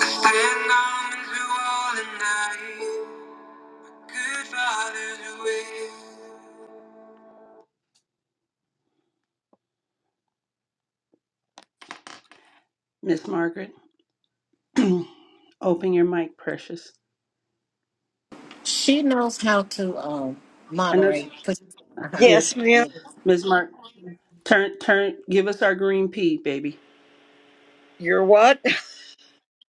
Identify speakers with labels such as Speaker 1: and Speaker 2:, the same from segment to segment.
Speaker 1: I stand on through all the night. Good Father's will. Miss Margaret, open your mic, precious.
Speaker 2: She knows how to um,
Speaker 1: I know.
Speaker 2: moderate. Uh-huh.
Speaker 1: Yes,
Speaker 3: Yes, ma'am.
Speaker 2: Yeah.
Speaker 1: Miss Mark, turn, turn, give us our green pea, baby.
Speaker 3: You're what?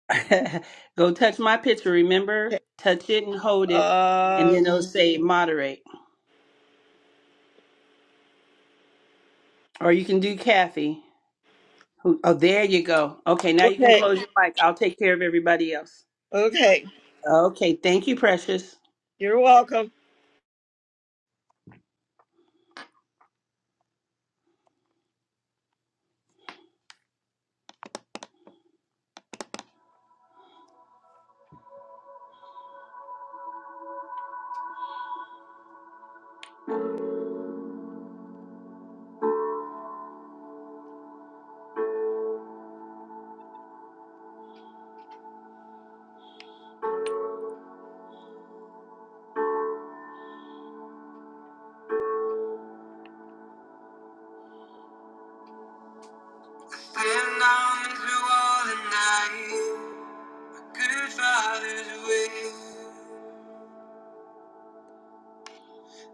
Speaker 1: Go touch my picture. Remember, touch it and hold it, and
Speaker 3: Uh,
Speaker 1: then it'll say moderate. Or you can do Kathy. Who- Oh, there you go. Okay, now you can
Speaker 3: okay.
Speaker 1: close your mic. I'll take care of everybody else.
Speaker 3: Okay.
Speaker 1: Okay, thank you, precious.
Speaker 3: You're welcome.
Speaker 1: Been down through all the night, good father's way.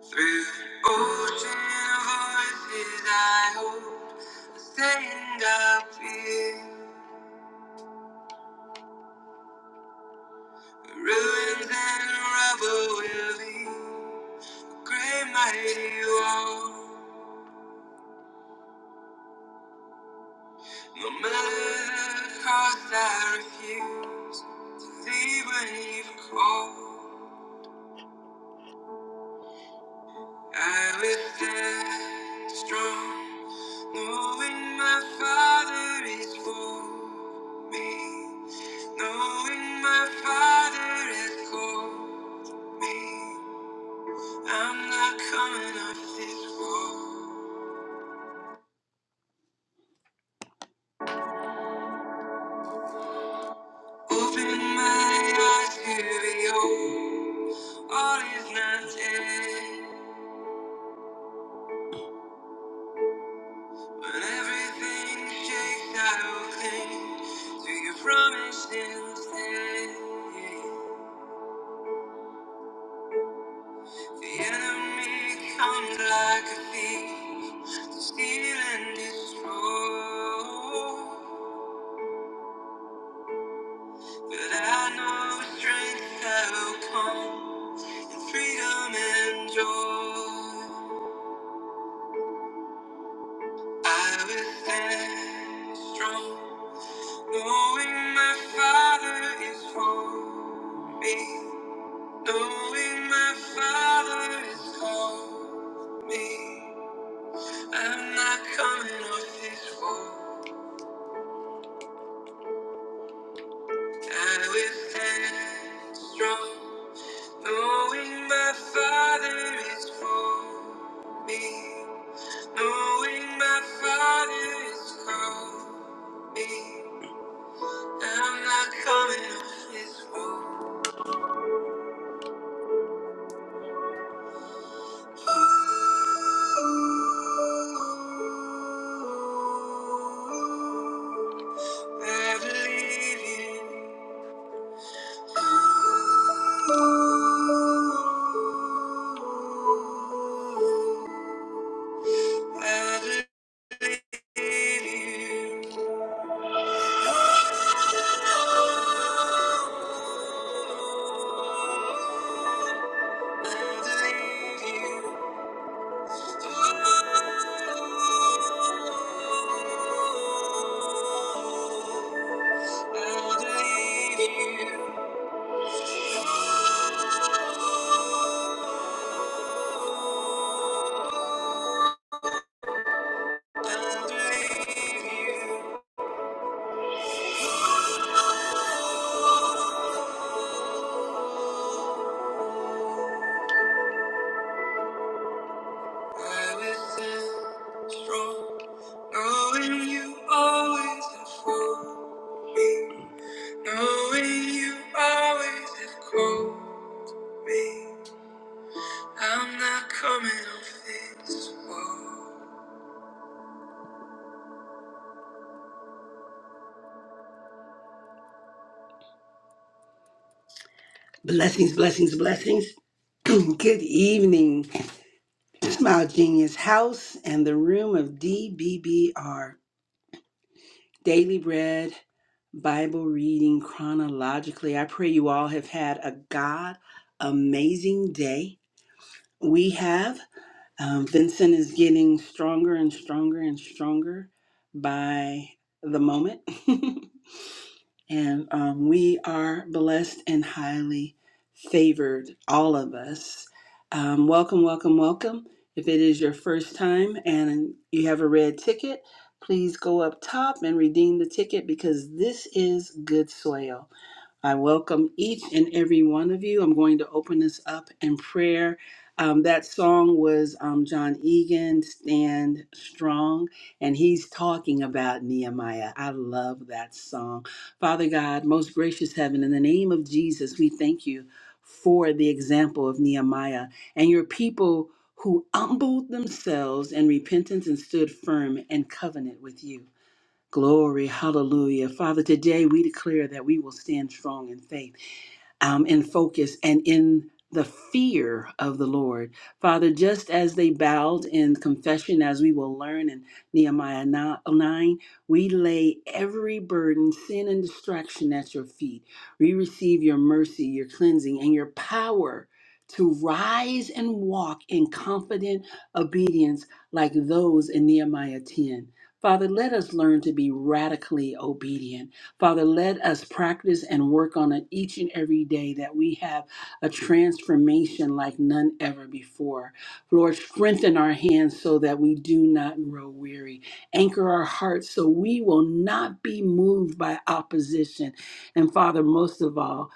Speaker 1: Through the ocean of voices, I hope I stand up here. Ruins and rubble will be a great mighty wall. No matter the cost, I refuse to leave when you've called. I will stand strong, knowing my Father is for me. Knowing my Father has called me. I'm not coming off this wall. Open my eyes to behold, all is not dead. When everything shakes, I will cling to your promises. The enemy comes like a thief, to steal and destroy. But I know strength that will come, and freedom and joy. I will stand strong, knowing my Father is for me, knowing my Father is for me. I'm not coming off this road. I will stand strong, knowing my Father is for me. Knowing my Father is for me. I'm not coming off this road. I believe you. I'll believe you. I'm not coming off this wall. Blessings, blessings, blessings. Good evening. Smile Genius House and the room of DBBR. Daily Bread Bible reading chronologically. I pray you all have had a God amazing day. We have. Um, Vincent is getting stronger and stronger and stronger by the moment. And um, we are blessed and highly favored, all of us. Um, welcome, welcome, welcome. If it is your first time and you have a red ticket, please go up top and redeem the ticket because this is good soil. I welcome each and every one of you. I'm going to open this up in prayer. Um, that song was um, John Egan, Stand Strong, and he's talking about Nehemiah. I love that song. Father God, most gracious heaven, in the name of Jesus, we thank you for the example of Nehemiah and your people who humbled themselves in repentance and stood firm in covenant with you. Glory, hallelujah. Father, today we declare that we will stand strong in faith um, in focus and in the fear of the Lord. Father, just as they bowed in confession, as we will learn in Nehemiah 9, we lay every burden, sin, and distraction at your feet. We receive your mercy, your cleansing, and your power to rise and walk in confident obedience like those in Nehemiah 10. Father, let us learn to be radically obedient Father, let us practice and work on it each and every day that we have a transformation like none ever before. Lord, strengthen our hands so that we do not grow weary. Anchor our hearts so we will not be moved by opposition. And Father, most of all,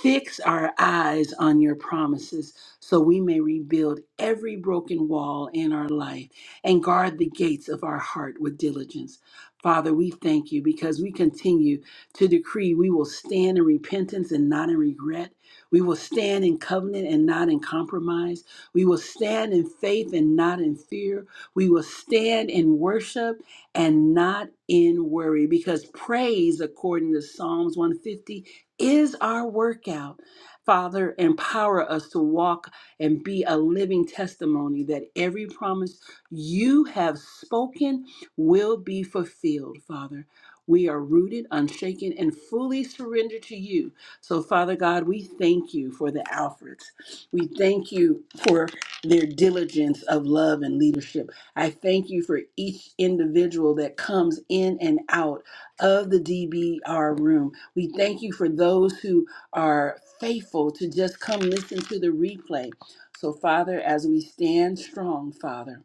Speaker 1: fix our eyes on your promises so we may rebuild every broken wall in our life and guard the gates of our heart with diligence. Father, we thank you because we continue to decree. We will stand in repentance and not in regret. We will stand in covenant and not in compromise. We will stand in faith and not in fear. We will stand in worship and not in worry because praise, according to Psalms 150, is our workout. Father, empower us to walk and be a living testimony that every promise you have spoken will be fulfilled, Father. We are rooted, unshaken, and fully surrendered to you. So, Father God, we thank you for the Alfreds. We thank you for their diligence of love and leadership. I thank you for each individual that comes in and out of the DBR room. We thank you for those who are faithful to just come listen to the replay. So, Father, as we stand strong, Father,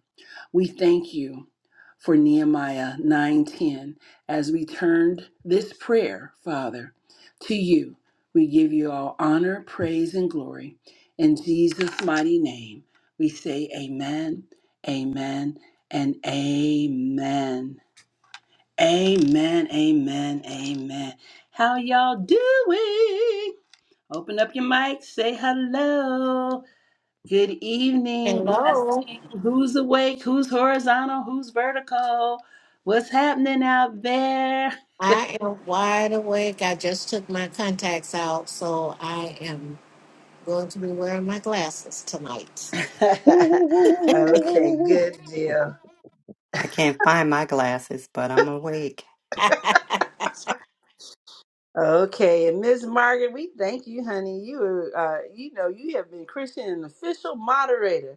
Speaker 1: we thank you for Nehemiah 9:10 as we turned this prayer, Father, to you. We give you all honor, praise, and glory. In Jesus' mighty name, we say amen, amen, and amen. Amen, amen, amen. How y'all doing? Open up your mic, say hello. Good evening,
Speaker 2: Hello,
Speaker 1: blessing. Who's awake? Who's horizontal? Who's vertical? What's happening out there?
Speaker 2: I am wide awake. I just took my contacts out, so I am going to be wearing my glasses tonight.
Speaker 4: Woo, woo, woo, woo, woo, woo, woo,
Speaker 1: okay,
Speaker 4: woo,
Speaker 1: good deal.
Speaker 5: I can't find my glasses, but I'm awake.
Speaker 2: That's
Speaker 1: Okay, and Miss Margaret, we thank you, honey. You, were, uh, you know, you have been Christian an official moderator.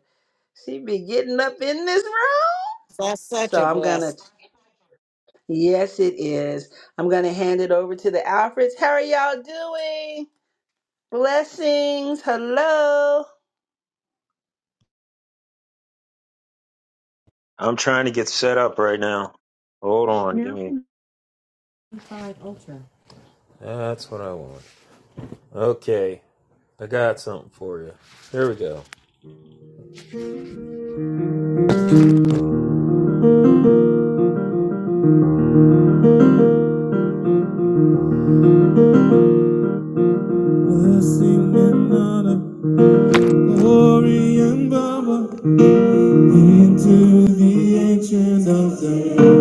Speaker 1: She be getting up in this room.
Speaker 2: such
Speaker 1: So
Speaker 2: a
Speaker 1: I'm gonna.
Speaker 2: blessing.
Speaker 1: Yes, it is. I'm gonna hand it over to the Alfreds. How are y'all doing? Blessings. Hello.
Speaker 6: Glory and power into the ancient of days.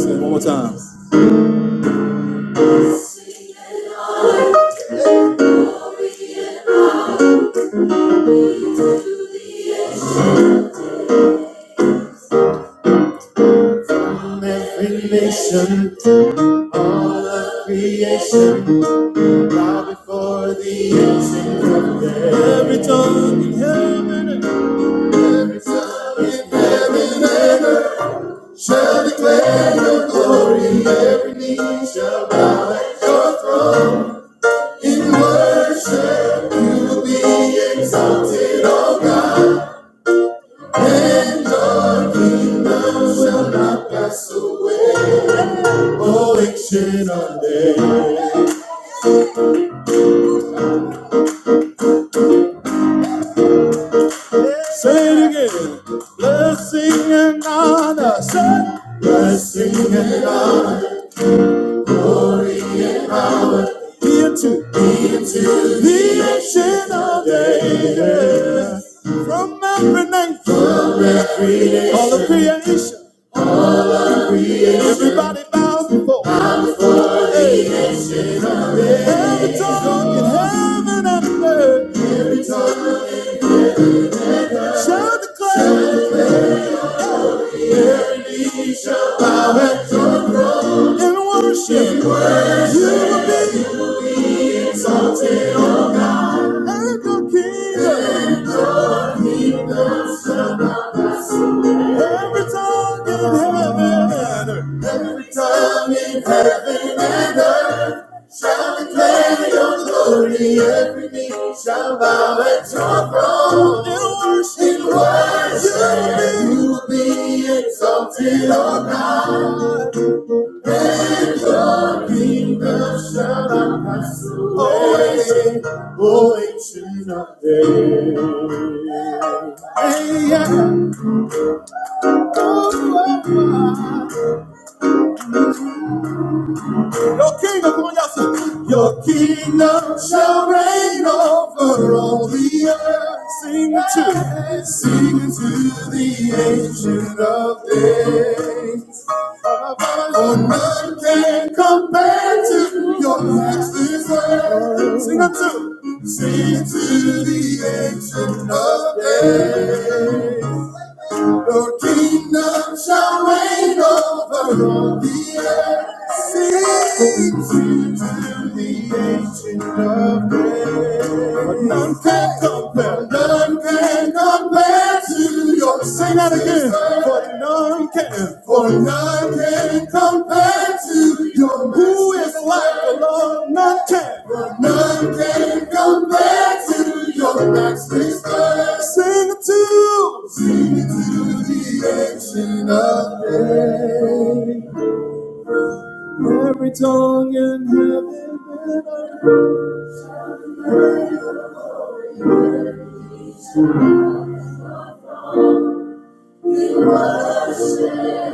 Speaker 6: Say one more time. every nation, all of creation, bow before the ancient of days. Every tongue in heaven, and every tongue in heaven and earth shall declare your glory. Every knee shall bow at your throne. In worship will be exalted on day. Say it again. Blessing and honor. Say. Blessing and honor. Be unto. Be The ancient of days. From every nation. From every nation. All of creation. creation. Everybody bows before. Bow before hey. the ancient of days. Every tongue in heaven and earth. Every tongue in heaven. Shall declare. knee shall Bow at your throne and worship. And worship. You will be exalted. And your kingdom. And your kingdom shall not end. Every tongue in heaven and earth. Every tongue in heaven and earth. Shall declare your glory. Every knee shall bow at your throne. And worship. And worship. You will be, you will be exalted, O God. Nothing that shall not pass away. Oh, ancient of days. Hey, yeah. Oh, oh, oh. Your kingdom, come on, y'all sing. Your kingdom shall reign over all the earth. Sing it to, sing it to the ancient of days. Oh, none can compare to your matchless worth. Sing unto, sing it to the ancient of days. Your kingdom shall reign over the earth. Sing to the ancient of days. none can compare, none can compare to your Sing that again. For none can, for none can compare to your Who is? like the Lord, none can. But none can compare to your matchless love. Sing it to, sing it to the ancient of days. Every tongue in heaven and earth. we worship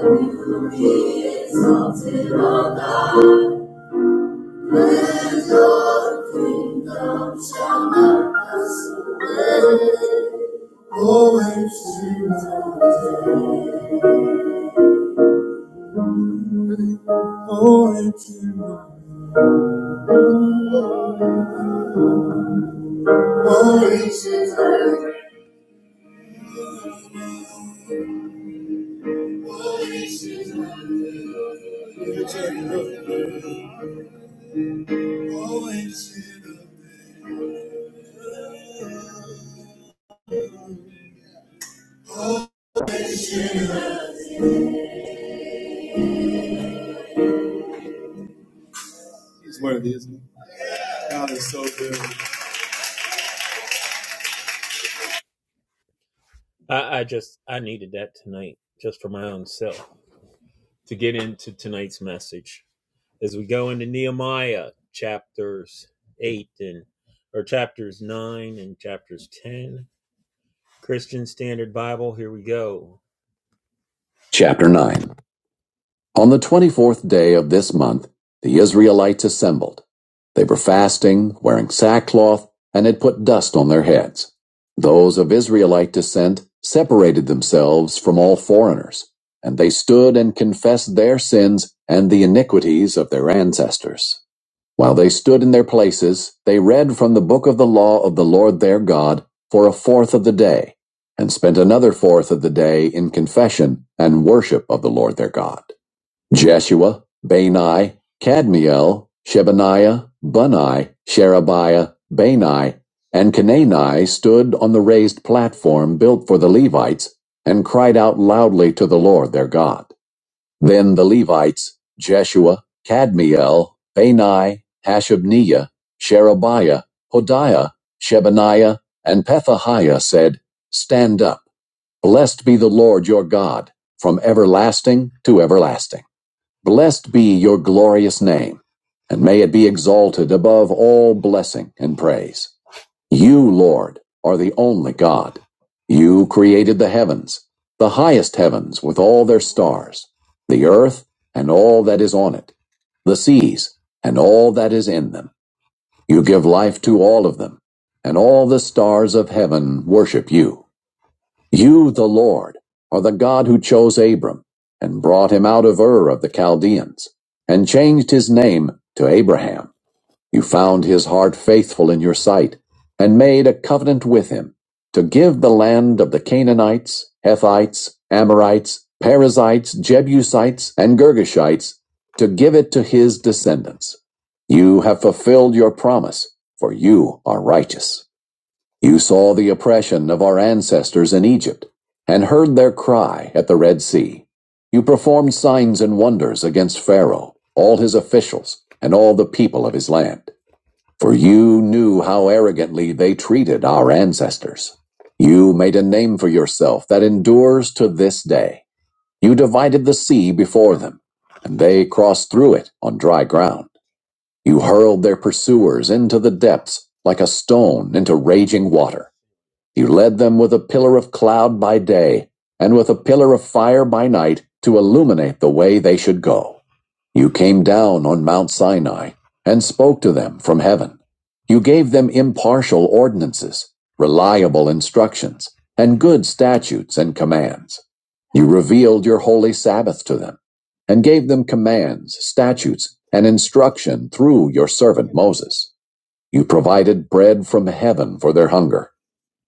Speaker 6: Be exalted, With your kingdom shall not pass away. Always to the always to the always to the always to the always to the. He's worthy, isn't he? God is so good. Chapter 9 On the 24th day of this month, the Israelites assembled. They were fasting, wearing sackcloth, and had put dust on their heads. Those of Israelite descent separated themselves from all foreigners, and they stood and confessed their sins and the iniquities of their ancestors. While they stood in their places, they read from the book of the law of the Lord their God for a fourth of the day, and spent another fourth of the day in confession and worship of the Lord their God. Jeshua, Bani, Kadmiel, Shebaniah, Bunai, Sherebiah, Bani, and Canani stood on the raised platform built for the Levites and cried out loudly to the Lord their God. Then the Levites, Jeshua, Kadmiel, Bani, Hashabniah, Sherebiah, Hodiah, Shebaniah, and Pethahiah said, Stand up, blessed be the Lord your God, from everlasting to everlasting. Blessed be your glorious name, and may it be exalted above all blessing and praise. You, Lord, are the only God. You created the heavens, the highest heavens with all their stars, the earth and all that is on it, the seas and all that is in them. You give life to all of them, and all the stars of heaven worship you. You, the Lord, are the God who chose Abram and brought him out of Ur of the Chaldeans and changed his name to Abraham. You found his heart faithful in your sight and made a covenant with him to give the land of the Canaanites, Hethites, Amorites, Perizzites, Jebusites, and Girgashites to give it to his descendants. You have fulfilled your promise, for you are righteous. You saw the oppression of our ancestors in Egypt and heard their cry at the Red Sea. You performed signs and wonders against Pharaoh, all his officials, and all the people of his land. For you knew how arrogantly they treated our ancestors. You made a name for yourself that endures to this day. You divided the sea before them, and they crossed through it on dry ground. You hurled their pursuers into the depths like a stone into raging water. He led them with a pillar of cloud by day and with a pillar of fire by night to illuminate the way they should go. You came down on Mount Sinai and spoke to them from heaven. You gave them impartial ordinances, reliable instructions, and good statutes and commands. You revealed your holy Sabbath to them and gave them commands, statutes, and instruction through your servant Moses. You provided bread from heaven for their hunger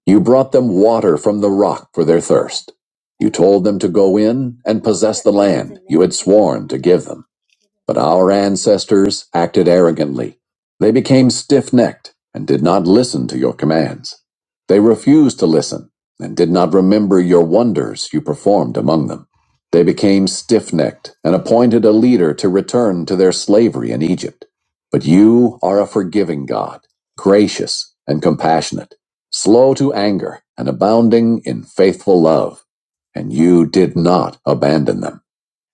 Speaker 6: you brought them water from the rock for their thirst. You told them to go in and possess the land you had sworn to give them. But our ancestors acted arrogantly. They became stiff necked and did not listen to your commands. They refused to listen and did not remember your wonders you performed among them. They became stiff necked and appointed a leader to return to their slavery in Egypt. But you are a forgiving God, gracious and compassionate, slow to anger and abounding in faithful love. And you did not abandon them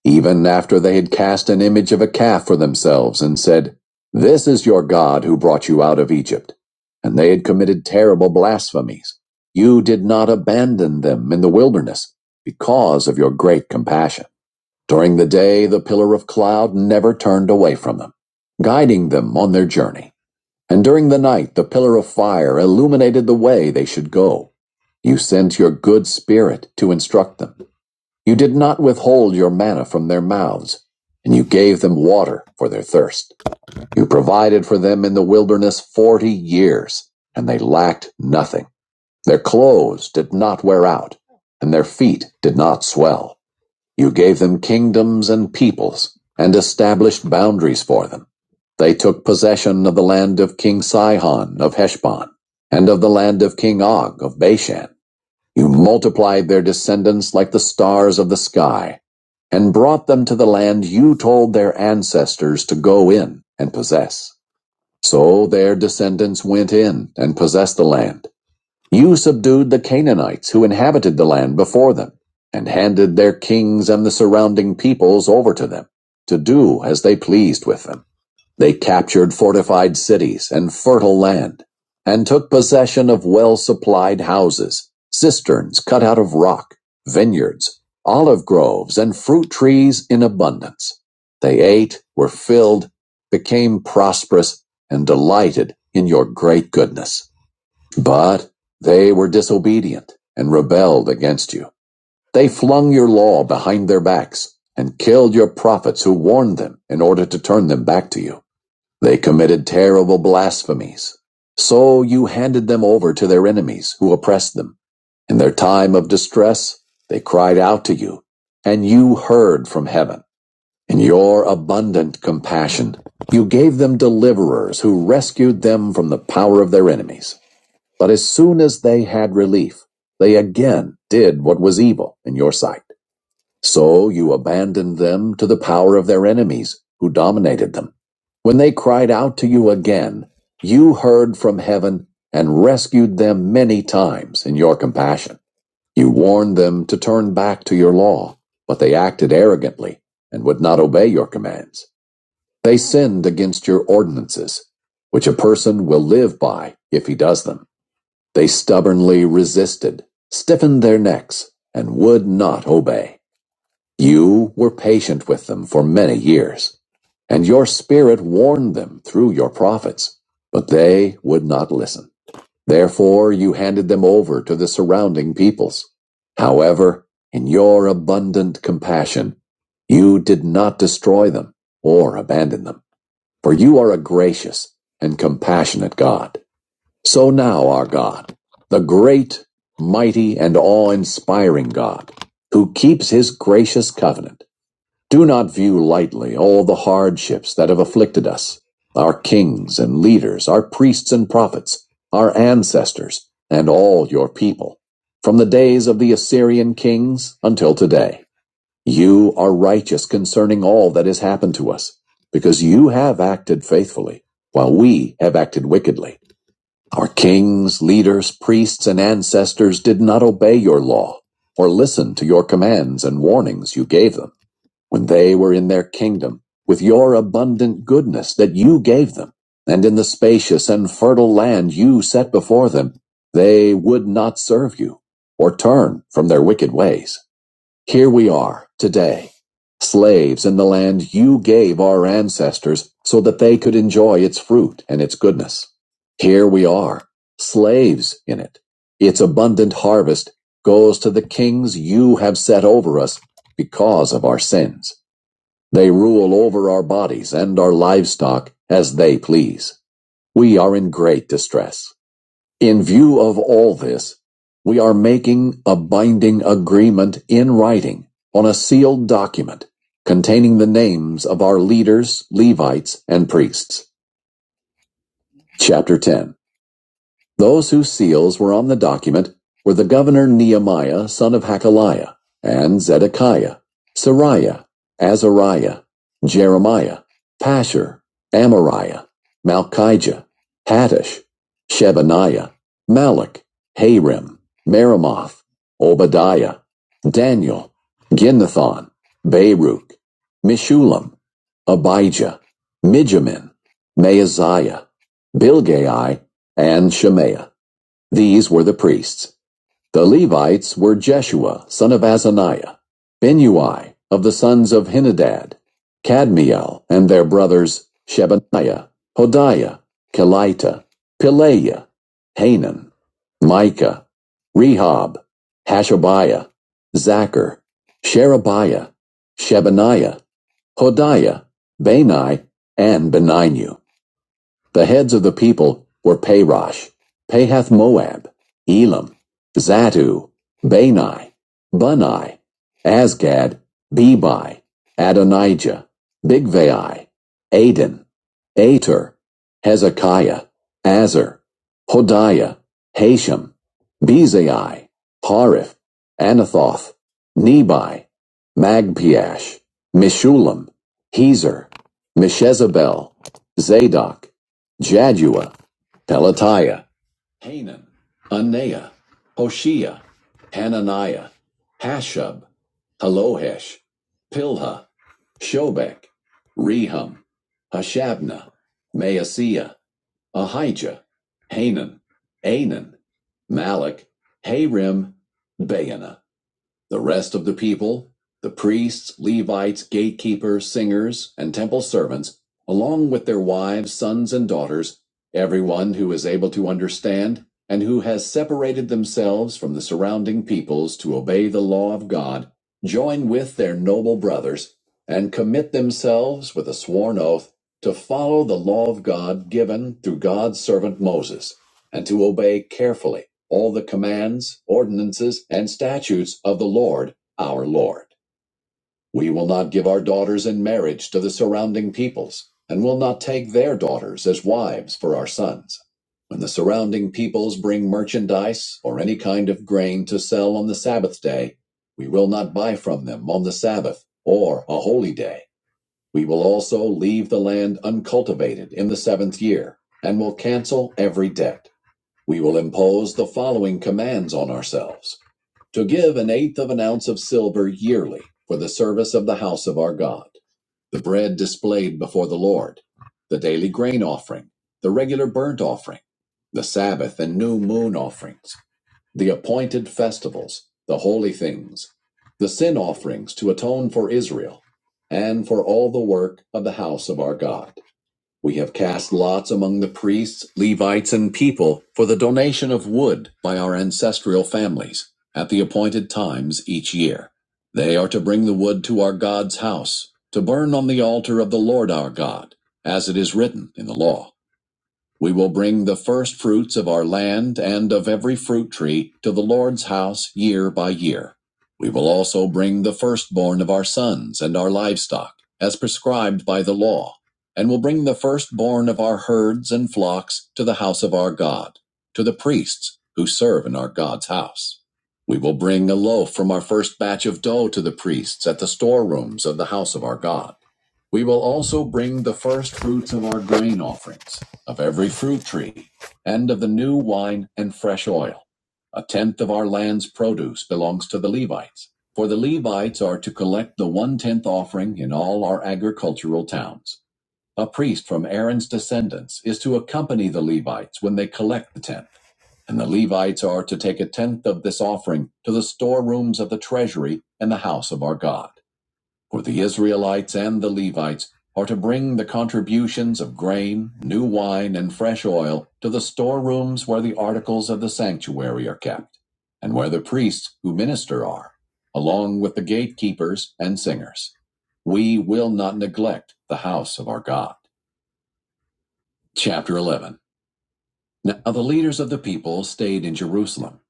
Speaker 6: even after they had cast an image of a calf for themselves and said, This is your God who brought you out of Egypt. And they had committed terrible blasphemies. You did not abandon them in the wilderness because of your great compassion. During the day, the pillar of cloud never turned away from them, guiding them on their journey. And during the night, the pillar of fire illuminated the way they should go. You sent your good spirit to instruct them you did not withhold your manna from their mouths, and you gave them water for their thirst. You provided for them in the wilderness forty years, and they lacked nothing. Their clothes did not wear out, and their feet did not swell. You gave them kingdoms and peoples, and established boundaries for them. They took possession of the land of King Sihon of Heshbon, and of the land of King Og of Bashan you multiplied their descendants like the stars of the sky, and brought them to the land you told their ancestors to go in and possess. So their descendants went in and possessed the land. You subdued the Canaanites who inhabited the land before them, and handed their kings and the surrounding peoples over to them, to do as they pleased with them. They captured fortified cities and fertile land, and took possession of well-supplied houses, cisterns cut out of rock, vineyards, olive groves, and fruit trees in abundance. They ate, were filled, became prosperous, and delighted in your great goodness. But they were disobedient and rebelled against you. They flung your law behind their backs and killed your prophets who warned them in order to turn them back to you. They committed terrible blasphemies. So you handed them over to their enemies who oppressed them. In their time of distress, they cried out to you, and you heard from heaven. In your abundant compassion, you gave them deliverers who rescued them from the power of their enemies. But as soon as they had relief, they again did what was evil in your sight. So you abandoned them to the power of their enemies, who dominated them. When they cried out to you again, you heard from heaven and rescued them many times in your compassion. You warned them to turn back to your law, but they acted arrogantly and would not obey your commands. They sinned against your ordinances, which a person will live by if he does them. They stubbornly resisted, stiffened their necks, and would not obey. You were patient with them for many years, and your spirit warned them through your prophets, but they would not listen. Therefore, you handed them over to the surrounding peoples. However, in your abundant compassion, you did not destroy them or abandon them, for you are a gracious and compassionate God. So now, our God, the great, mighty, and awe inspiring God, who keeps his gracious covenant do not view lightly all the hardships that have afflicted us, our kings and leaders, our priests and prophets, our ancestors, and all your people, from the days of the Assyrian kings until today. You are righteous concerning all that has happened to us, because you have acted faithfully, while we have acted wickedly. Our kings, leaders, priests, and ancestors did not obey your law, or listen to your commands and warnings you gave them when they were in their kingdom, with your abundant goodness that you gave them, and in the spacious and fertile land you set before them, they would not serve you, or turn from their wicked ways. Here we are, today, slaves in the land you gave our ancestors so that they could enjoy its fruit and its goodness. Here we are, slaves in it. Its abundant harvest goes to the kings you have set over us because of our sins. They rule over our bodies and our livestock as they please. We are in great distress. In view of all this, we are making a binding agreement in writing on a sealed document containing the names of our leaders, Levites, and priests. Chapter 10 Those whose seals were on the document were the governor Nehemiah, son of Hakaliah, and Zedekiah, Sariah, Azariah, Jeremiah, Pashur, Amariah, Malchijah, Hattush, Shebaniah, Malach, Harim, Meremoth, Obadiah, Daniel, Ginnathon, Baruch, Mishulam, Abijah, Mijamin, Maaziah, Bilgai, and Shemaiah. These were the priests. The Levites were Jeshua, son of Azaniah, Benui, of the sons of Henadad, Kadmiel and their brothers Shebaniah, Hodiah, Kelita, Pileiah, Hanan, Micah, Rehob, Hashabiah, Zachar, Sherebiah, Shebaniah, Hodiah, Bani, and Beninu. The heads of the people were Parosh, Pahath Moab, Elam, Zatu, Bani, Bunai, Asgad, Bebi, Adonijah, Bigvai, Aden, Ater, Hezekiah, Azer, Hodiah, Hashem, Bezai, Harif, Anathoth, Nebai, Magpiash, Mishulam, Hezer, Meshezabel, Zadok, Jadua, Pelatiah, Hanan, Anea, Hoshea, Hananiah, Hashub, Halohesh, Pilha, Shobek, Rehum, Hashabna, Maaseiah, Ahijah, Hanan, Anan, Malak, Harim, Baana. The rest of the people, the priests, Levites, gatekeepers, singers, and temple servants, along with their wives, sons, and daughters, everyone who is able to understand and who has separated themselves from the surrounding peoples to obey the law of God, join with their noble brothers and commit themselves with a sworn oath to follow the law of God given through God's servant Moses and to obey carefully all the commands, ordinances, and statutes of the Lord our Lord. We will not give our daughters in marriage to the surrounding peoples, and will not take their daughters as wives for our sons. When the surrounding peoples bring merchandise or any kind of grain to sell on the Sabbath day, we will not buy from them on the Sabbath or a holy day. We will also leave the land uncultivated in the seventh year, and will cancel every debt. We will impose the following commands on ourselves to give an eighth of an ounce of silver yearly for the service of the house of our God, the bread displayed before the Lord, the daily grain offering, the regular burnt offering, the Sabbath and new moon offerings, the appointed festivals, the holy things, the sin offerings to atone for Israel, and for all the work of the house of our God. We have cast lots among the priests, Levites, and people for the donation of wood by our ancestral families at the appointed times each year. They are to bring the wood to our God's house, to burn on the altar of the Lord our God, as it is written in the law. We will bring the first fruits of our land and of every fruit tree to the Lord's house year by year. We will also bring the firstborn of our sons and our livestock, as prescribed by the law, and will bring the firstborn of our herds and flocks to the house of our God, to the priests who serve in our God's house. We will bring a loaf from our first batch of dough to the priests at the storerooms of the house of our God. We will also bring the first fruits of our grain offerings, of every fruit tree, and of the new wine and fresh oil. A tenth of our land's produce belongs to the Levites, for the Levites are to collect the one tenth offering in all our agricultural towns. A priest from Aaron's descendants is to accompany the Levites when they collect the tenth, and the Levites are to take a tenth of this offering to the storerooms of the treasury and the house of our God. For the Israelites and the Levites are to bring the contributions of grain, new wine, and fresh oil to the storerooms where the articles of the sanctuary are kept, and where the priests who minister are, along with the gatekeepers and singers. We will not neglect the house of our God. Chapter 11. Now the leaders of the people stayed in Jerusalem.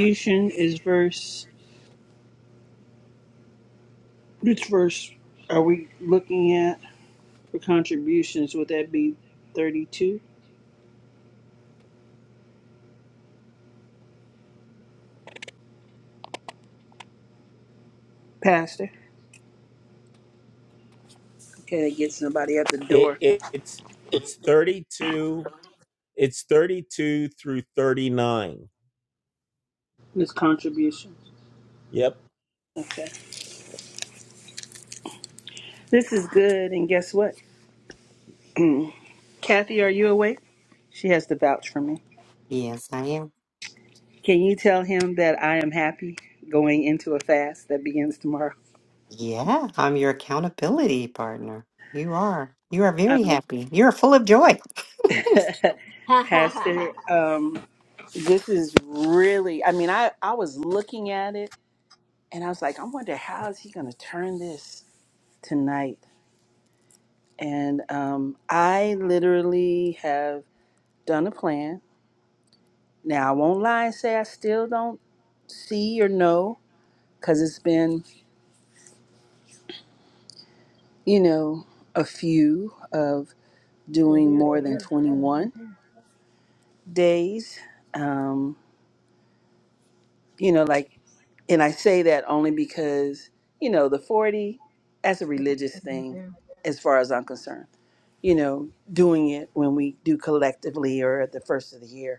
Speaker 1: Contribution is verse, which verse are we looking at for contributions? Would that be 32, Pastor? Okay, to get somebody at the door. This contribution. Okay. This is good. And guess what? Kathy, are you awake? She has to vouch for me.
Speaker 5: Yes, I am.
Speaker 1: Can you tell him that I am happy going into a fast that begins tomorrow?
Speaker 5: Yeah, I'm your accountability partner. You are. You are very
Speaker 1: Um,
Speaker 5: happy. You are full of joy.
Speaker 1: Pastor, um, this is really, I mean, I, I was looking at it and I was like, I wonder how is he going to turn this tonight? And um, I literally have done a plan Now, I won't lie and say I still don't see or know because it's been, you know, a few of doing more than 21 days. Um, you know, like, and I say that only because, you know, the 40, that's a religious thing as far as I'm concerned. You know, doing it when we do collectively or at the first of the year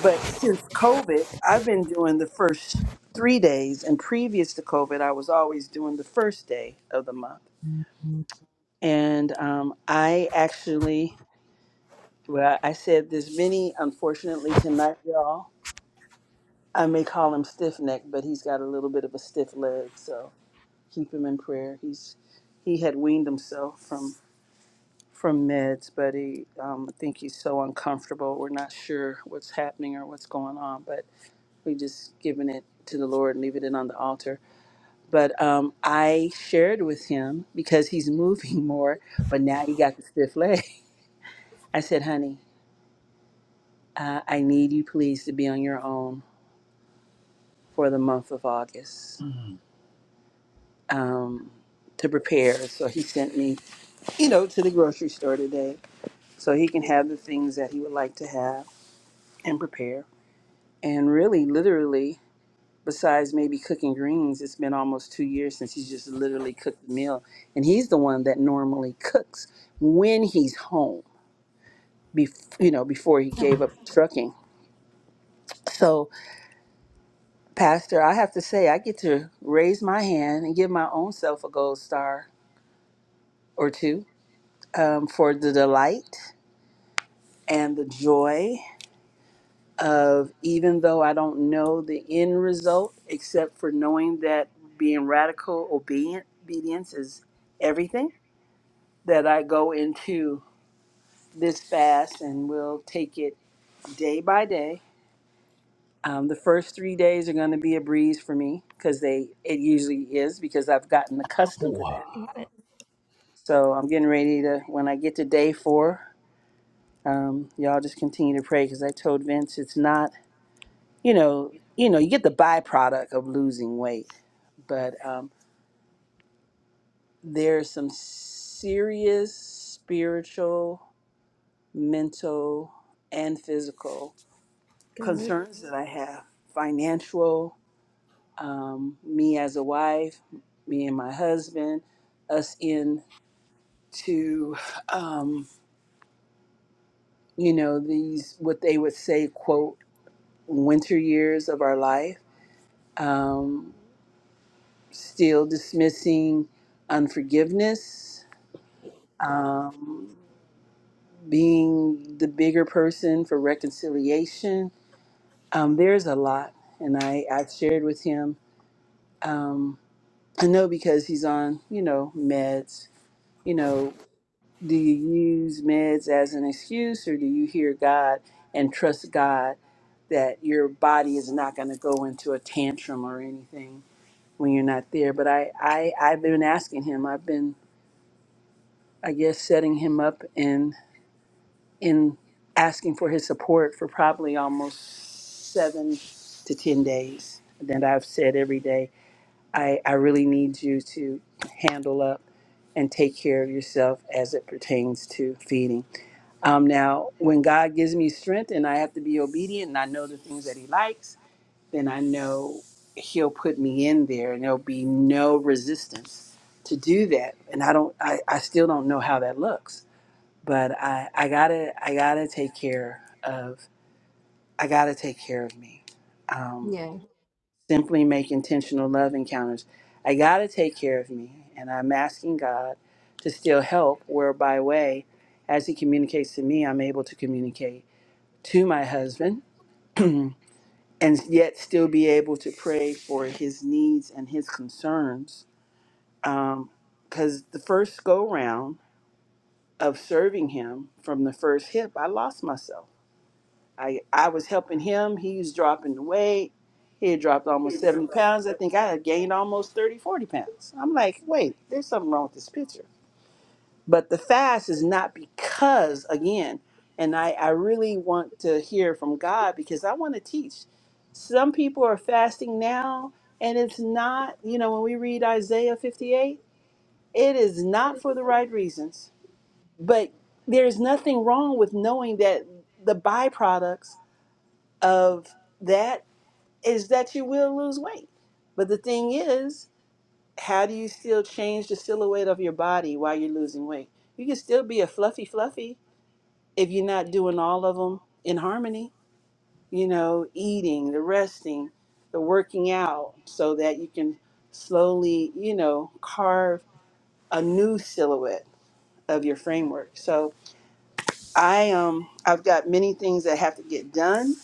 Speaker 1: But since COVID, I've been doing the first three days, and previous to COVID, I was always doing the first day of the month. And um, I actually, well, I said this many, unfortunately, tonight, y'all. I may call him stiff neck, but he's got a little bit of a stiff leg, so keep him in prayer. He's he had weaned himself from from meds, but he um, I think he's so uncomfortable. We're not sure what's happening or what's going on, but we just giving it to the Lord and leaving it on the altar. But um, I shared with him because he's moving more, but now he got the stiff leg. I said, honey, uh, I need you please to be on your own for the month of August Mhm. um, to prepare. So he sent me, you know, to the grocery store today so he can have the things that he would like to have and prepare. And really, literally, besides maybe cooking greens, it's been almost two years since he's just literally cooked the meal. And he's the one that normally cooks when he's home, bef- you know, before he gave up trucking. So, Pastor, I have to say, I get to raise my hand and give my own self a gold star or two um, for the delight and the joy of even though I don't know the end result, except for knowing that being radical obedient, obedience is everything that I go into this fast and we'll take it day by day. Um, the first three days are going to be a breeze for me because they it usually is because I've gotten accustomed to that. So I'm getting ready to when I get to day four, um, y'all just continue to pray because I told Vince it's not you know you know you get the byproduct of losing weight, but um, there's some serious spiritual, mental, and physical concerns that I have financial, um, me as a wife, me and my husband, us into, um, you know, these, what they would say, quote, winter years of our life, um, still dismissing unforgiveness, um, being the bigger person for reconciliation. Um, there's a lot. And I, I've shared with him. Um, I know because he's on, you know, meds. You know, do you use meds as an excuse or do you hear God and trust God that your body is not going to go into a tantrum or anything when you're not there? But I, I, I've been asking him, I've been, I guess, setting him up and in asking for his support for probably almost seven to 10 days that I've said every day. I, I really need you to handle up and take care of yourself as it pertains to feeding. Um, now, when God gives me strength and I have to be obedient and I know the things that He likes, then I know He'll put me in there and there'll be no resistance to do that. And I don't, I, I still don't know how that looks, but I, I gotta, I gotta take care of, I gotta take care of me. Um, simply make intentional love encounters. I got to take care of me, and I'm asking God to still help whereby way, as He communicates to me, I'm able to communicate to my husband and yet still be able to pray for his needs and his concerns. Because the first go round of serving Him from the first hip, I lost myself. I I was helping him. He was dropping the weight. He had dropped almost 70 pounds. I think I had gained almost 30 40 pounds. I'm like, wait, there's something wrong with this picture. But the fast is not because, again, and I, I really want to hear from God because I want to teach. Some people are fasting now, and it's not, you know, when we read Isaiah 58, it is not for the right reasons. But there's nothing wrong with knowing that the byproducts of that is that you will lose weight. But the thing is, how do you still change the silhouette of your body while you're losing weight? You can still be a fluffy fluffy if you're not doing all of them in harmony, you know, eating, the resting, the working out so that you can slowly, you know, carve a new silhouette of your framework. So, I um I've got many things that have to get done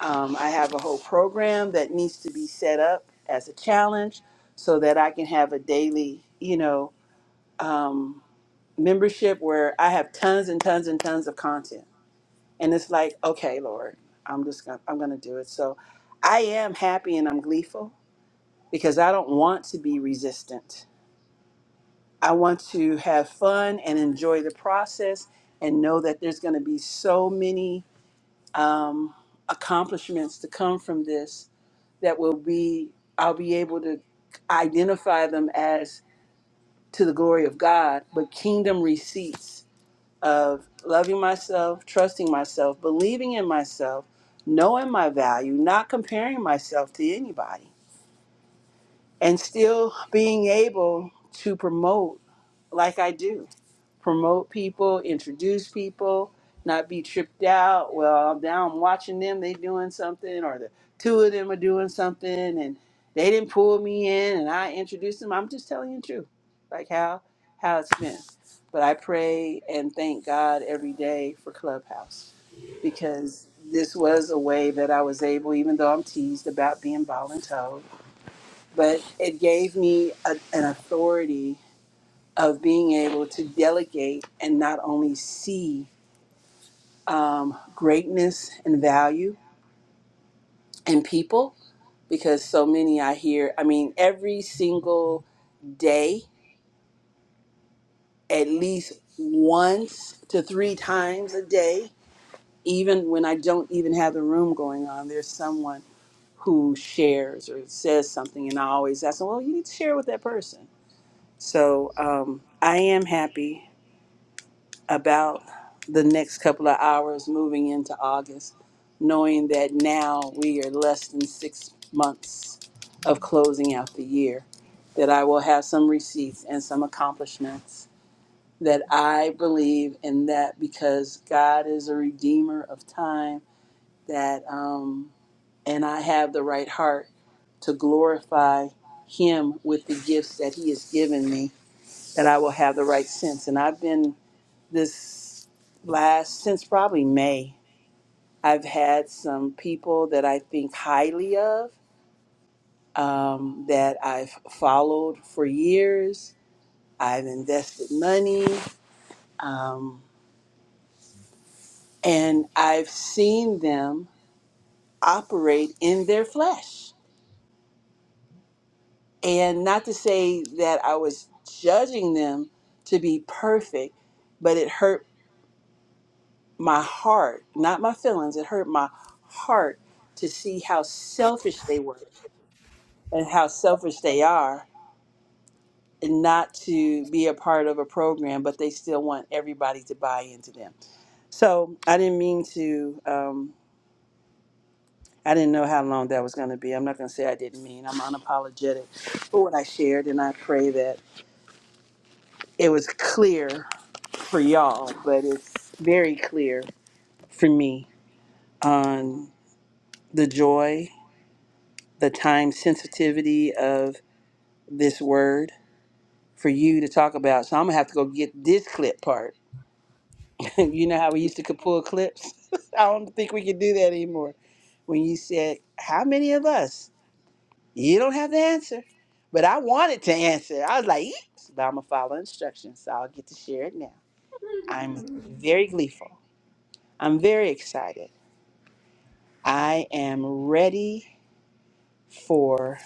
Speaker 1: Um, I have a whole program that needs to be set up as a challenge so that I can have a daily, you know, um, membership where I have tons and tons and tons of content. And it's like, okay, Lord, I'm just gonna, I'm gonna do it. So I am happy and I'm gleeful because I don't want to be resistant. I want to have fun and enjoy the process and know that there's gonna be so many um, accomplishments to come from this that will be I'll be able to identify them as to the glory of God, but kingdom receipts of loving myself, trusting myself, believing in myself, knowing my value, not comparing myself to anybody, and still being able to promote like I do promote people, introduce people, not be tripped out. Well, now I'm watching them, they doing something, or the two of them are doing something, and they didn't pull me in, and I introduced them. I'm just telling you the truth, like how how it's been. But I pray and thank God every day for Clubhouse because this was a way that I was able, even though I'm teased about being voluntold, but it gave me a, an authority of being able to delegate and not only see um, greatness and value in people, because so many I hear, I mean, every single day, at least once to three times a day, even when I don't even have the room going on, there's someone who shares or says something, and I always ask them, well, you need to share with that person. So um, I am happy about the next couple of hours moving into August, knowing that now we are less than six months of closing out the year, that I will have some receipts and some accomplishments, that I believe in that because God is a redeemer of time, that, um, and I have the right heart to glorify Him with the gifts that He has given me, that I will have the right sense. And I've been this last since probably May, I've had some people that I think highly of um, that I've followed for years. I've invested money, um, and I've seen them operate in their flesh. And not to say that I was judging them to be perfect, but it hurt my heart, not my feelings, it hurt my heart to see how selfish they were and how selfish they are and not to be a part of a program, but they still want everybody to buy into them. So I didn't mean to. Um, I didn't know how long that was going to be. I'm not going to say I didn't mean. I'm unapologetic for what I shared, and I pray that it was clear for y'all, but it's very clear for me on the joy, the time sensitivity of this word for you to talk about. So I'm going to have to go get this clip part you know how we used to could pull clips? I don't think we can do that anymore. When you said, How many of us? You don't have to answer. But I wanted to answer. I was like, "Yeet." But I'm going to follow instructions, so I'll get to share it now. I'm very gleeful. I'm very excited. I am ready for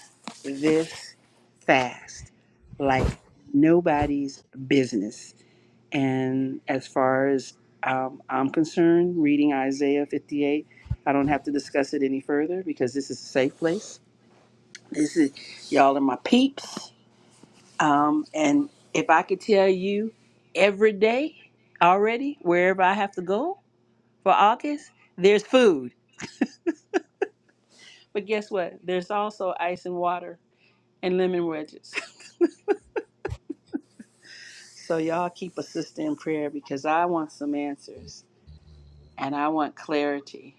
Speaker 1: this fast like nobody's business. And as far as um, I'm concerned, reading Isaiah 58, I don't have to discuss it any further because this is a safe place. This is y'all are my peeps. Um, and if I could tell you every day already, wherever I have to go for August, there's food. But guess what? There's also ice and water and lemon wedges. so y'all keep a sister in prayer because I want some answers and I want clarity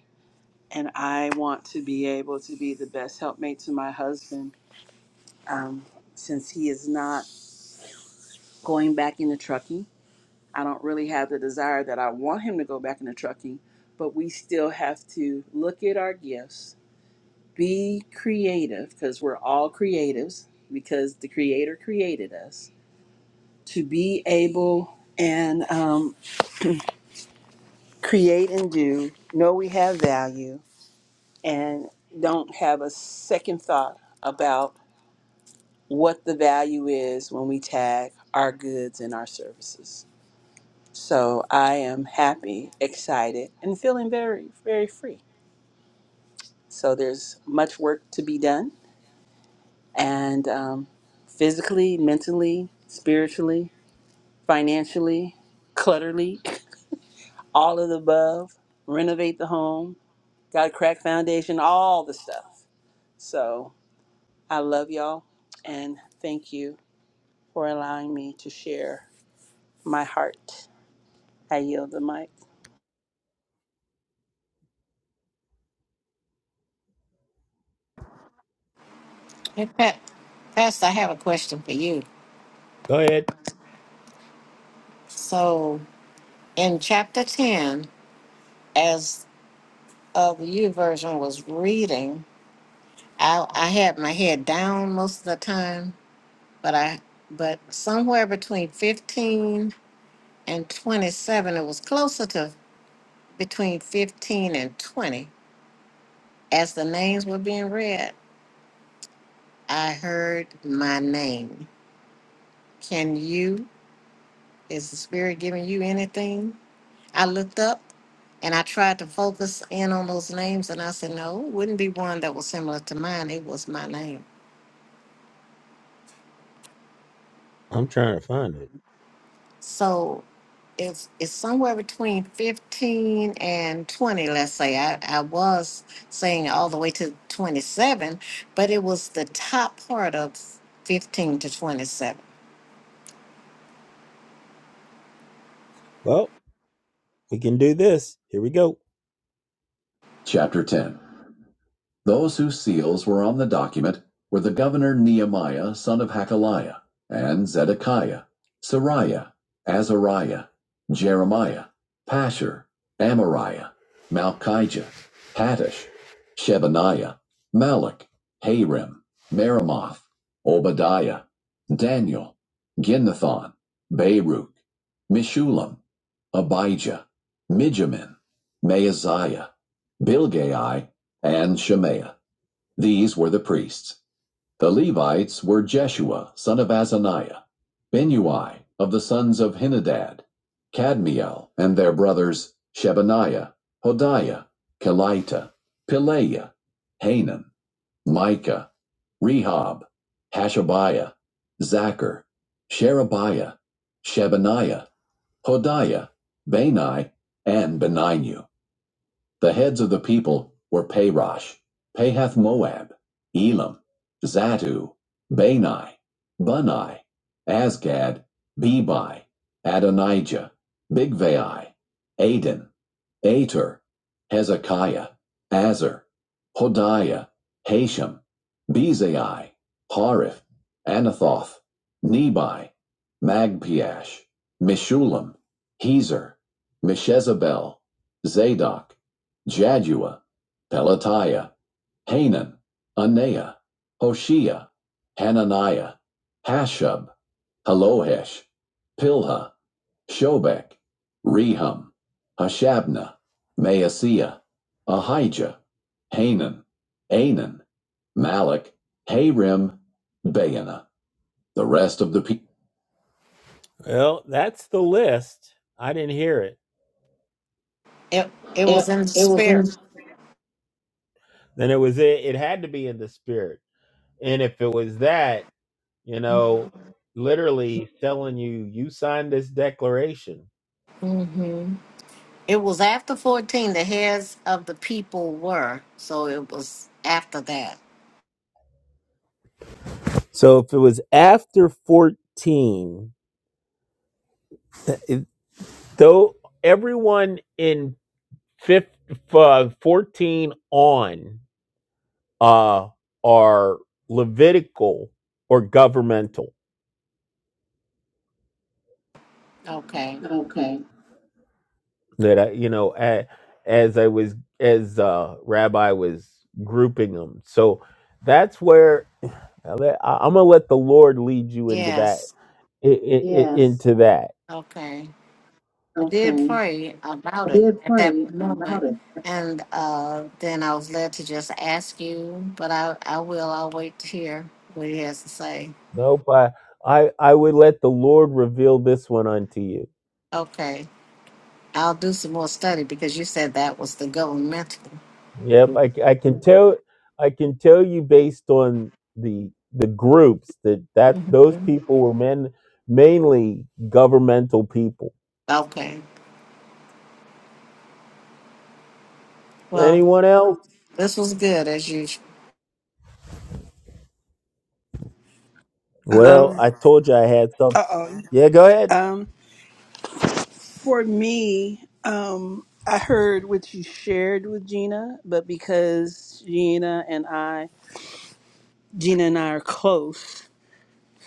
Speaker 1: and I want to be able to be the best helpmate to my husband um, since he is not going back into trucking. I don't really have the desire that I want him to go back into trucking, but we still have to look at our gifts, be creative because we're all creatives because the Creator created us to be able and um, create and do, know we have value, and don't have a second thought about. what the value is when we tag our goods and our services. So I am happy, excited, and feeling very, very free. So there's much work to be done, and um, physically, mentally, spiritually, financially, clutterly, all of the above. Renovate the home, got a crack foundation, all the stuff. So I love y'all, and thank you for allowing me to share my heart. I yield the mic.
Speaker 2: Hey, Pat, Pastor, I have a question for you. So, in chapter 10, as uh, the U version was reading, I, I had my head down most of the time but I but somewhere between fifteen and twenty seven, it was closer to between fifteen and twenty. As the names were being read, I heard my name. Can you is the spirit giving you anything? I looked up and I tried to focus in on those names and I said, No, it wouldn't be one that was similar to mine. It was my name. So it's it's somewhere between 15 and 20 let's say I, I was saying all the way to 27 but it was the top part of 15 to 27
Speaker 6: Chapter 10. Those whose seals were on the document were the governor Nehemiah, son of Hakaliah, and Zedekiah, Sariah, Azariah, Jeremiah, Pashur, Amariah, Malchijah, Hattush, Shebaniah, Malach, Harim, Meremoth, Obadiah, Daniel, Ginnathon, Baruch, Mishulam, Abijah, Mijamin, Maaziah, Bilgai, and Shemaiah. These were the priests. The Levites were Jeshua, son of Azaniah, Benui of the sons of Henadad, Kadmiel and their brothers Shebaniah, Hodiah, Kelita, Pileiah, Hanan, Micah, Rehob, Hashabiah, Zachar, Sherebiah, Shebaniah, Hodiah, Bani, and Beninu. The heads of the people were Parosh, Pahath Moab, Elam, Zatu, Bani, Bunai, Asgad, Bebi, Adonijah, Bigvai, Aden, Ater, Hezekiah, Azer, Hodiah, Hashem, Bezai, Harif, Anathoth, Nebai, Magpiash, Mishulam, Hezer, Meshezabel, Zadok, Jadua, Pelatiah, Hanan, Anaiah, Hoshea, Hananiah, Hashub, Halohesh, Pilha, Shobek, Rehum, Hashabna, Maaseiah, Ahijah, Hanan, Anan, Malak, Harim, Baana. The rest of the people.
Speaker 2: it it was in the spirit hmm it was after 14 the heads of the people were so it was after that okay
Speaker 6: Okay,
Speaker 2: yes okay I did
Speaker 6: okay.
Speaker 2: pray about
Speaker 6: I
Speaker 2: it
Speaker 6: did
Speaker 2: at
Speaker 6: pray
Speaker 2: that moment,
Speaker 6: about it.
Speaker 2: and uh, then I was led to just ask you, but I, I will. I'll wait to hear what he has to say. Okay, I'll do some more study because you said that was the governmental. hmm Okay, well, this was good as usual.
Speaker 1: Um, uh-oh. Um, for me, um, I heard what you shared with Gina, but because Gina and I, Gina and I are close,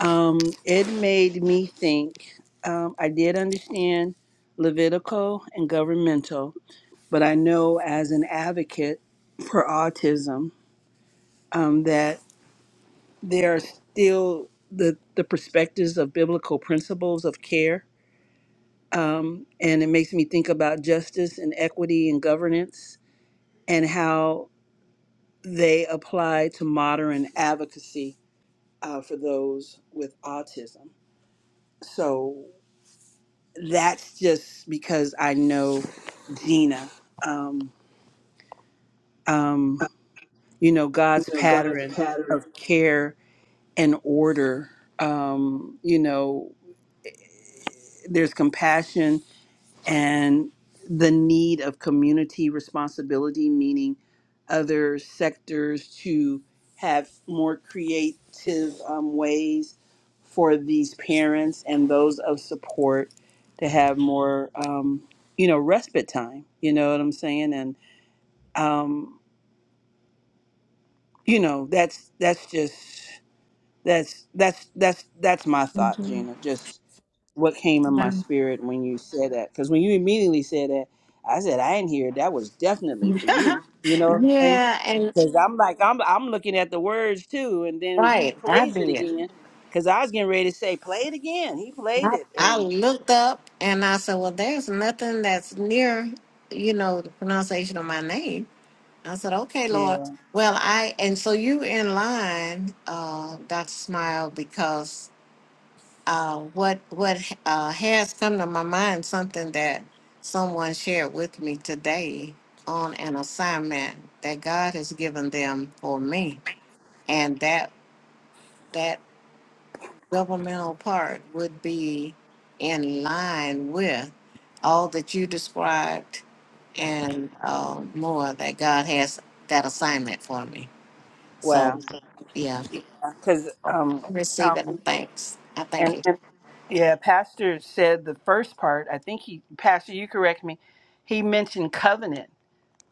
Speaker 1: um, it made me think. Um, I did understand Levitical and governmental, but I know as an advocate for autism um, that there are still the, the perspectives of biblical principles of care um, and it makes me think about justice and equity and governance and how they apply to modern advocacy uh, for those with autism. So that's just because I know Gina. Um, um, you know, God's pattern of care and order. Um, you know, there's compassion and the need of community responsibility, meaning other sectors to have more creative um, ways for these parents and those of support to have more, um, you know, respite time. You know what I'm saying? And um, you know, that's that's just. That's that's that's that's my thought,
Speaker 2: Mhm.
Speaker 1: Gina. Just what came in my spirit when you said that, because when you immediately said that, I said I ain't here. That was definitely for you. You know what I'm saying?
Speaker 2: yeah, and
Speaker 1: Because I'm like I'm I'm looking at the words too, and then he
Speaker 2: right, I
Speaker 1: plays it
Speaker 2: did.
Speaker 1: again. Because I was getting ready to say play it again. He
Speaker 2: And
Speaker 1: played
Speaker 2: I,
Speaker 1: it,
Speaker 2: I
Speaker 1: and
Speaker 2: looked up and I said, well, there's nothing that's near, you know, the pronunciation of my name. I said, okay, Lord.
Speaker 1: yeah,
Speaker 2: Well, I, and so you in line, uh, Dr. Smile, because uh, what, what uh, has come to my mind, something that someone shared with me today on an assignment that God has given them for me. And that, that governmental part would be in line with all that you described and uh, more that God has that assignment for me.
Speaker 1: wow.
Speaker 2: So, yeah,
Speaker 1: Because
Speaker 2: I'm
Speaker 1: um um
Speaker 2: receiving thanks. I thank
Speaker 1: and
Speaker 2: you.
Speaker 1: and yeah, Pastor said the first part. I think he Pastor, you correct me. He mentioned covenant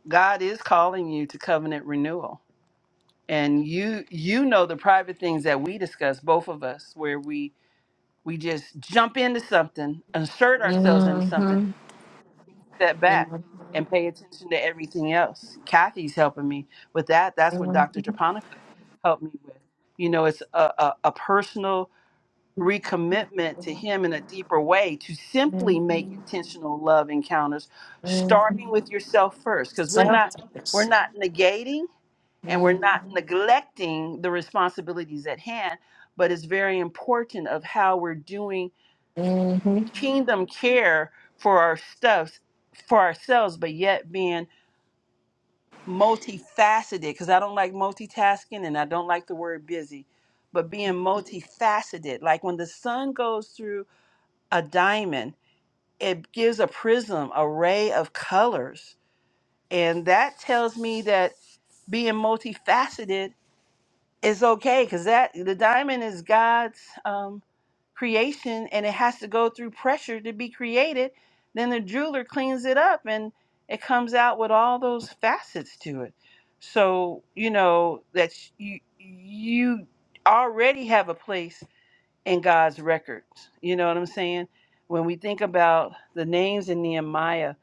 Speaker 1: God is calling you to covenant renewal. And you you know the private things that we discuss, both of us, where we we just jump into something, insert ourselves into something,
Speaker 2: Mm-hmm.
Speaker 1: step back and pay attention to everything else. Kathy's helping me with that. That's what Dr. Japonica helped me with. You know, it's a, a, a personal recommitment to him in a deeper way to simply make intentional love encounters, starting with yourself first. Because we're not we're
Speaker 2: Selfish.
Speaker 1: not negating and we're not
Speaker 2: Mm-hmm.
Speaker 1: neglecting the responsibilities at hand but it's very important of how we're doing kingdom care for our stuffs for ourselves but yet being multifaceted because i don't like multitasking and i don't like the word busy but being multifaceted like when the sun goes through a diamond it gives a prism a ray of colors and that tells me that being multifaceted it's okay because that the diamond is God's um, creation and it has to go through pressure to be created. Then the jeweler cleans it up and it comes out with all those facets to it. So you know that you you already have a place in God's records. You know what I'm saying? When we think about the names in Nehemiah,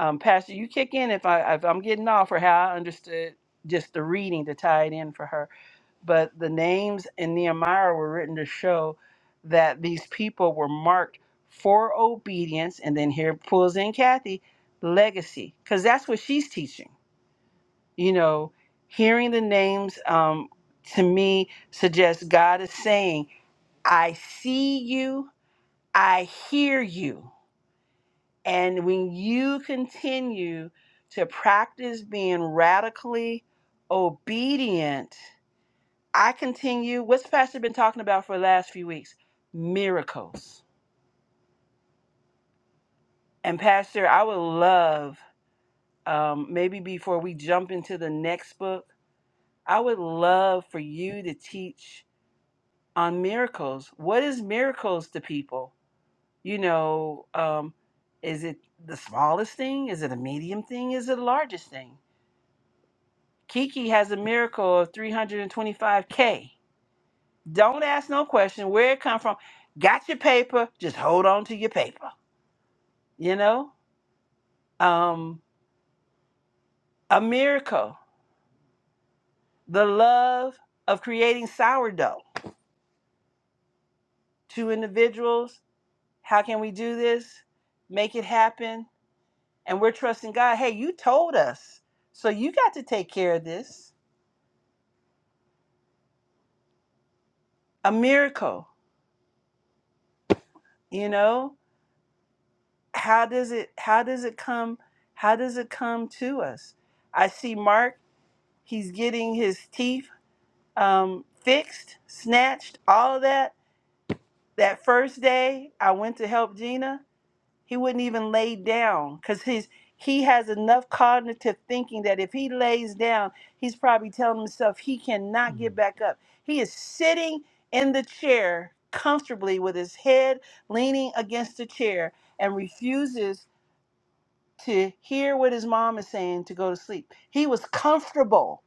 Speaker 1: um, Pastor, you kick in if I if I'm getting off or how I understood just the reading to tie it in for her but the names in Nehemiah were written to show that these people were marked for obedience. And then here pulls in Kathy, legacy, because that's what she's teaching. You know, hearing the names um, to me suggests God is saying, I see you, I hear you. And when you continue to practice being radically obedient, I continue. What's Pastor been talking about for the last few weeks? Miracles. And Pastor, I would love, um, maybe before we jump into the next book, I would love for you to teach on miracles. What is miracles to people? You know, um, is it the smallest thing? Is it a medium thing? Is it the largest thing? Kiki has a miracle of 325K. Don't ask no question where it come from. Got your paper, just hold on to your paper you know um a miracle the love of creating sourdough two individuals how can we do this make it happen and we're trusting god hey you told us so you got to take care of this a miracle you know how does it how does it come how does it come to us i see mark he's getting his teeth um fixed snatched all of that that first day i went to help gina He wouldn't even lay down because his he has enough cognitive thinking that if he lays down, he's probably telling himself he cannot get back up. He is sitting in the chair comfortably with his head leaning against the chair and refuses to hear what his mom is saying to go to sleep. He was comfortable.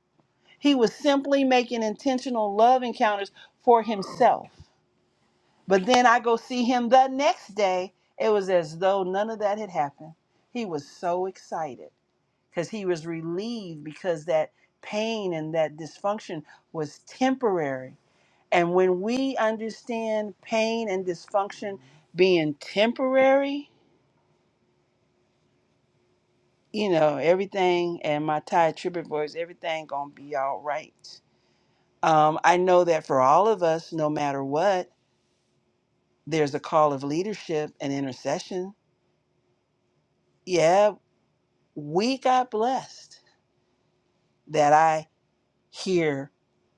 Speaker 1: He was simply making intentional love encounters for himself. But then I go see him the next day. It was as though none of that had happened. He was so excited because he was relieved because that pain and that dysfunction was temporary. And when we understand pain and dysfunction being temporary, you know, everything and my Ty Tribbett voice, everything gonna be all right. Um, I know that for all of us, no matter what, there's a call of leadership and intercession Yeah. we got blessed that I hear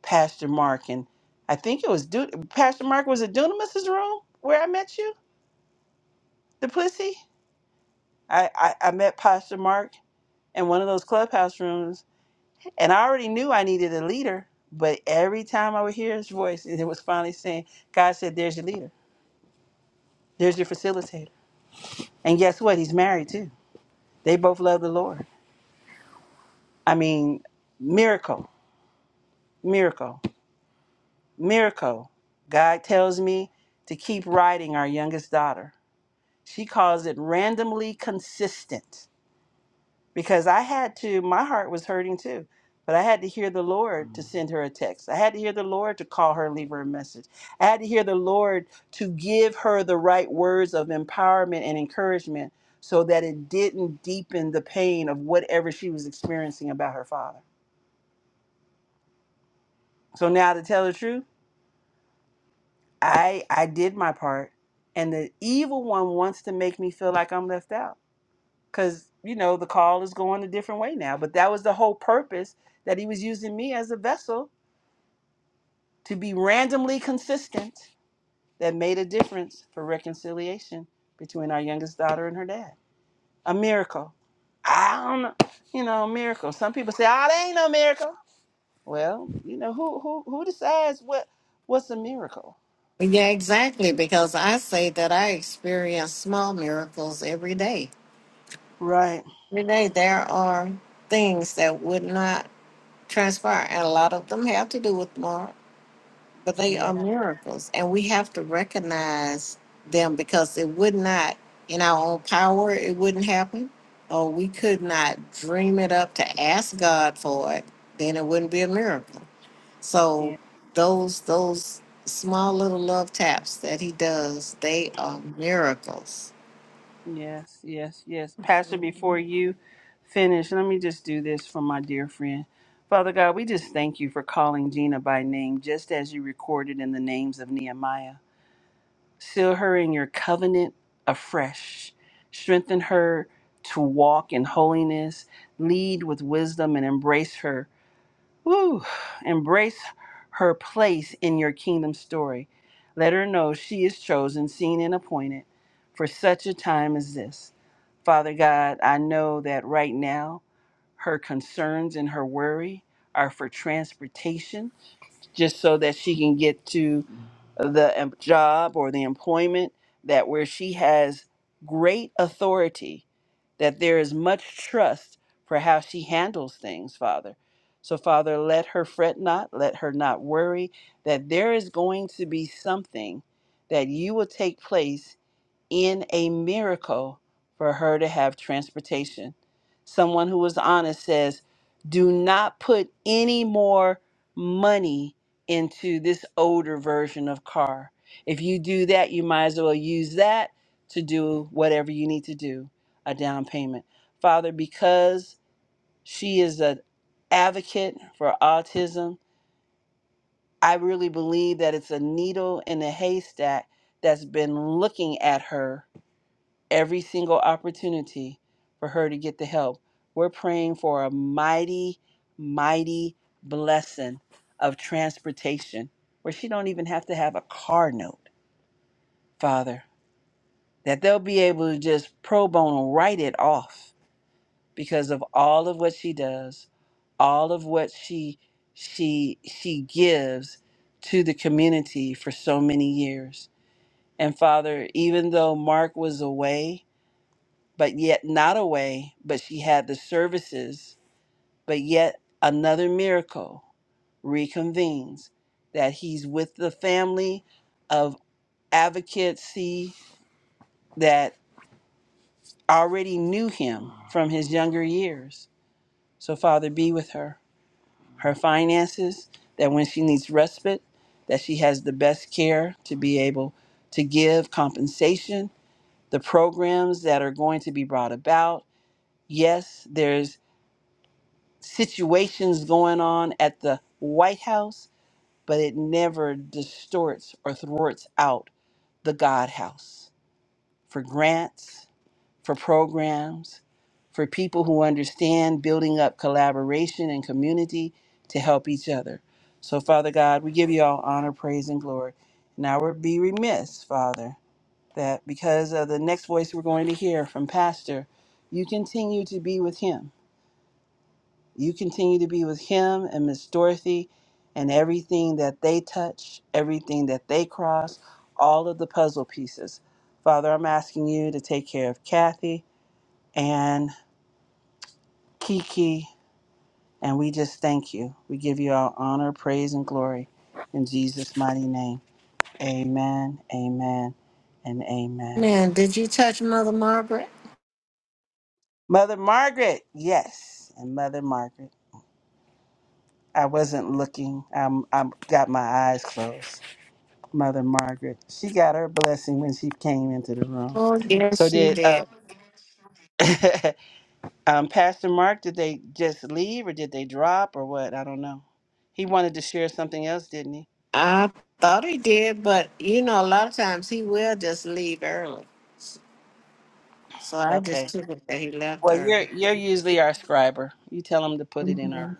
Speaker 1: Pastor Mark and I think it was Du- Pastor Mark was it Dunamis' room where I met you, the pussy. I, I I met Pastor Mark in one of those clubhouse rooms, and I already knew I needed a leader. But every time I would hear his voice, it was finally saying, "God said, there's your leader, there's your facilitator." And guess what? He's married too. They both love the Lord. I mean, miracle, miracle. Miracle. God tells me to keep writing our youngest daughter. She calls it randomly consistent because I had to, my heart was hurting too, but I had to hear the Lord to send her a text. I had to hear the Lord to call her and leave her a message. I had to hear the Lord to give her the right words of empowerment and encouragement so that it didn't deepen the pain of whatever she was experiencing about her father. So now to tell the truth, I I did my part, and the evil one wants to make me feel like I'm left out because you know the call is going a different way now. But that was the whole purpose that he was using me as a vessel to be randomly consistent. That made a difference for reconciliation between our youngest daughter and her dad. A miracle. I don't know, you know, a miracle. Some people say, "Ah, that ain't no miracle." Well, you know, who who who decides what what's a miracle?
Speaker 2: Yeah, exactly. Because I say that I experience small miracles every day.
Speaker 1: Right.
Speaker 2: Every day, there are things that would not transpire, and a lot of them have to do with tomorrow. But they
Speaker 1: Yeah.
Speaker 2: are miracles, and we have to recognize them because it would not, in our own power, it wouldn't happen, or we could not dream it up to ask God for it. Then it wouldn't be a miracle. So those those small little love taps that He does, they are miracles.
Speaker 1: Yes, yes, yes. Pastor, before you finish, let me just do this for my dear friend. Father God, we just thank you for calling Gina by name, just as you recorded in the names of Nehemiah. Seal her in your covenant afresh. Strengthen her to walk in holiness, lead with wisdom, and embrace her Woo! Embrace her place in your kingdom story. Let her know she is chosen, seen, and appointed for such a time as this. Father God, I know that right now her concerns and her worry are for transportation, just so that she can get to the em- job or the employment that where she has great authority that there is much trust for how she handles things father so father let her fret not let her not worry that there is going to be something that you will take place in a miracle for her to have transportation. Someone who was honest says, Do not put any more money into this older version of car. If you do that, you might as well use that to do whatever you need to do, a down payment. Father, because she is an advocate for autism, I really believe that it's a needle in a haystack that's been looking at her every single opportunity for her to get the help. We're praying for a mighty, mighty blessing of transportation where she don't even have to have a car note, Father, that they'll be able to just pro bono write it off because of all of what she does, all of what she she she gives to the community for so many years. And Father, even though Mark was away, but yet not away, but she had the services, but yet another miracle reconvenes that he's with the family of advocates see, that already knew him from his younger years. So Father be with her, her finances, that when she needs respite, that she has the best care to be able to give compensation, the programs that are going to be brought about. Yes, there's. situations going on at the White House, but it never distorts or thwarts out the God house for grants, for programs, for people who understand building up collaboration and community to help each other. So, Father God, we give you all honor, praise, and glory. And I would be remiss, Father, that because of the next voice we're going to hear from Pastor, you continue to be with him you continue to be with him and Miss Dorothy and everything that they touch, everything that they cross, all of the puzzle pieces. Father, I'm asking you to take care of Kathy and Kiki, and we just thank you. We give you all honor, praise, and glory in Jesus' mighty name. Amen, amen, and amen.
Speaker 2: Man, did you touch Mother Margaret?
Speaker 1: Mother Margaret, yes, and Mother Margaret. I wasn't looking. I'm, I got my eyes closed. Mother Margaret. She got her blessing when she came into the room.
Speaker 2: Oh yes,
Speaker 1: So
Speaker 2: she
Speaker 1: did uh,
Speaker 2: did.
Speaker 1: um, Pastor Mark? Did they just leave, or did they drop, or what? I don't know. He wanted to share something else, didn't he?
Speaker 2: I thought he did, but you know, a lot of times he will just leave early. So I just
Speaker 1: Okay.
Speaker 2: took it that he left
Speaker 1: Well,
Speaker 2: her.
Speaker 1: you're you're usually our scriber. You tell him to put it in
Speaker 2: hmm
Speaker 1: our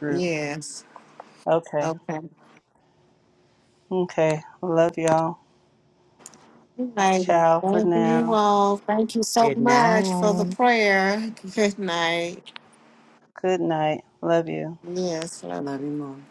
Speaker 1: group.
Speaker 2: Yes.
Speaker 1: Okay.
Speaker 2: Okay. All
Speaker 1: Okay. Love y'all.
Speaker 2: right.
Speaker 1: Ciao for
Speaker 2: Thank you
Speaker 1: now.
Speaker 2: all. Thank you so
Speaker 5: Good night.
Speaker 2: much for the prayer. Good night.
Speaker 1: Good night. Love you.
Speaker 2: Yes.
Speaker 5: Love you more.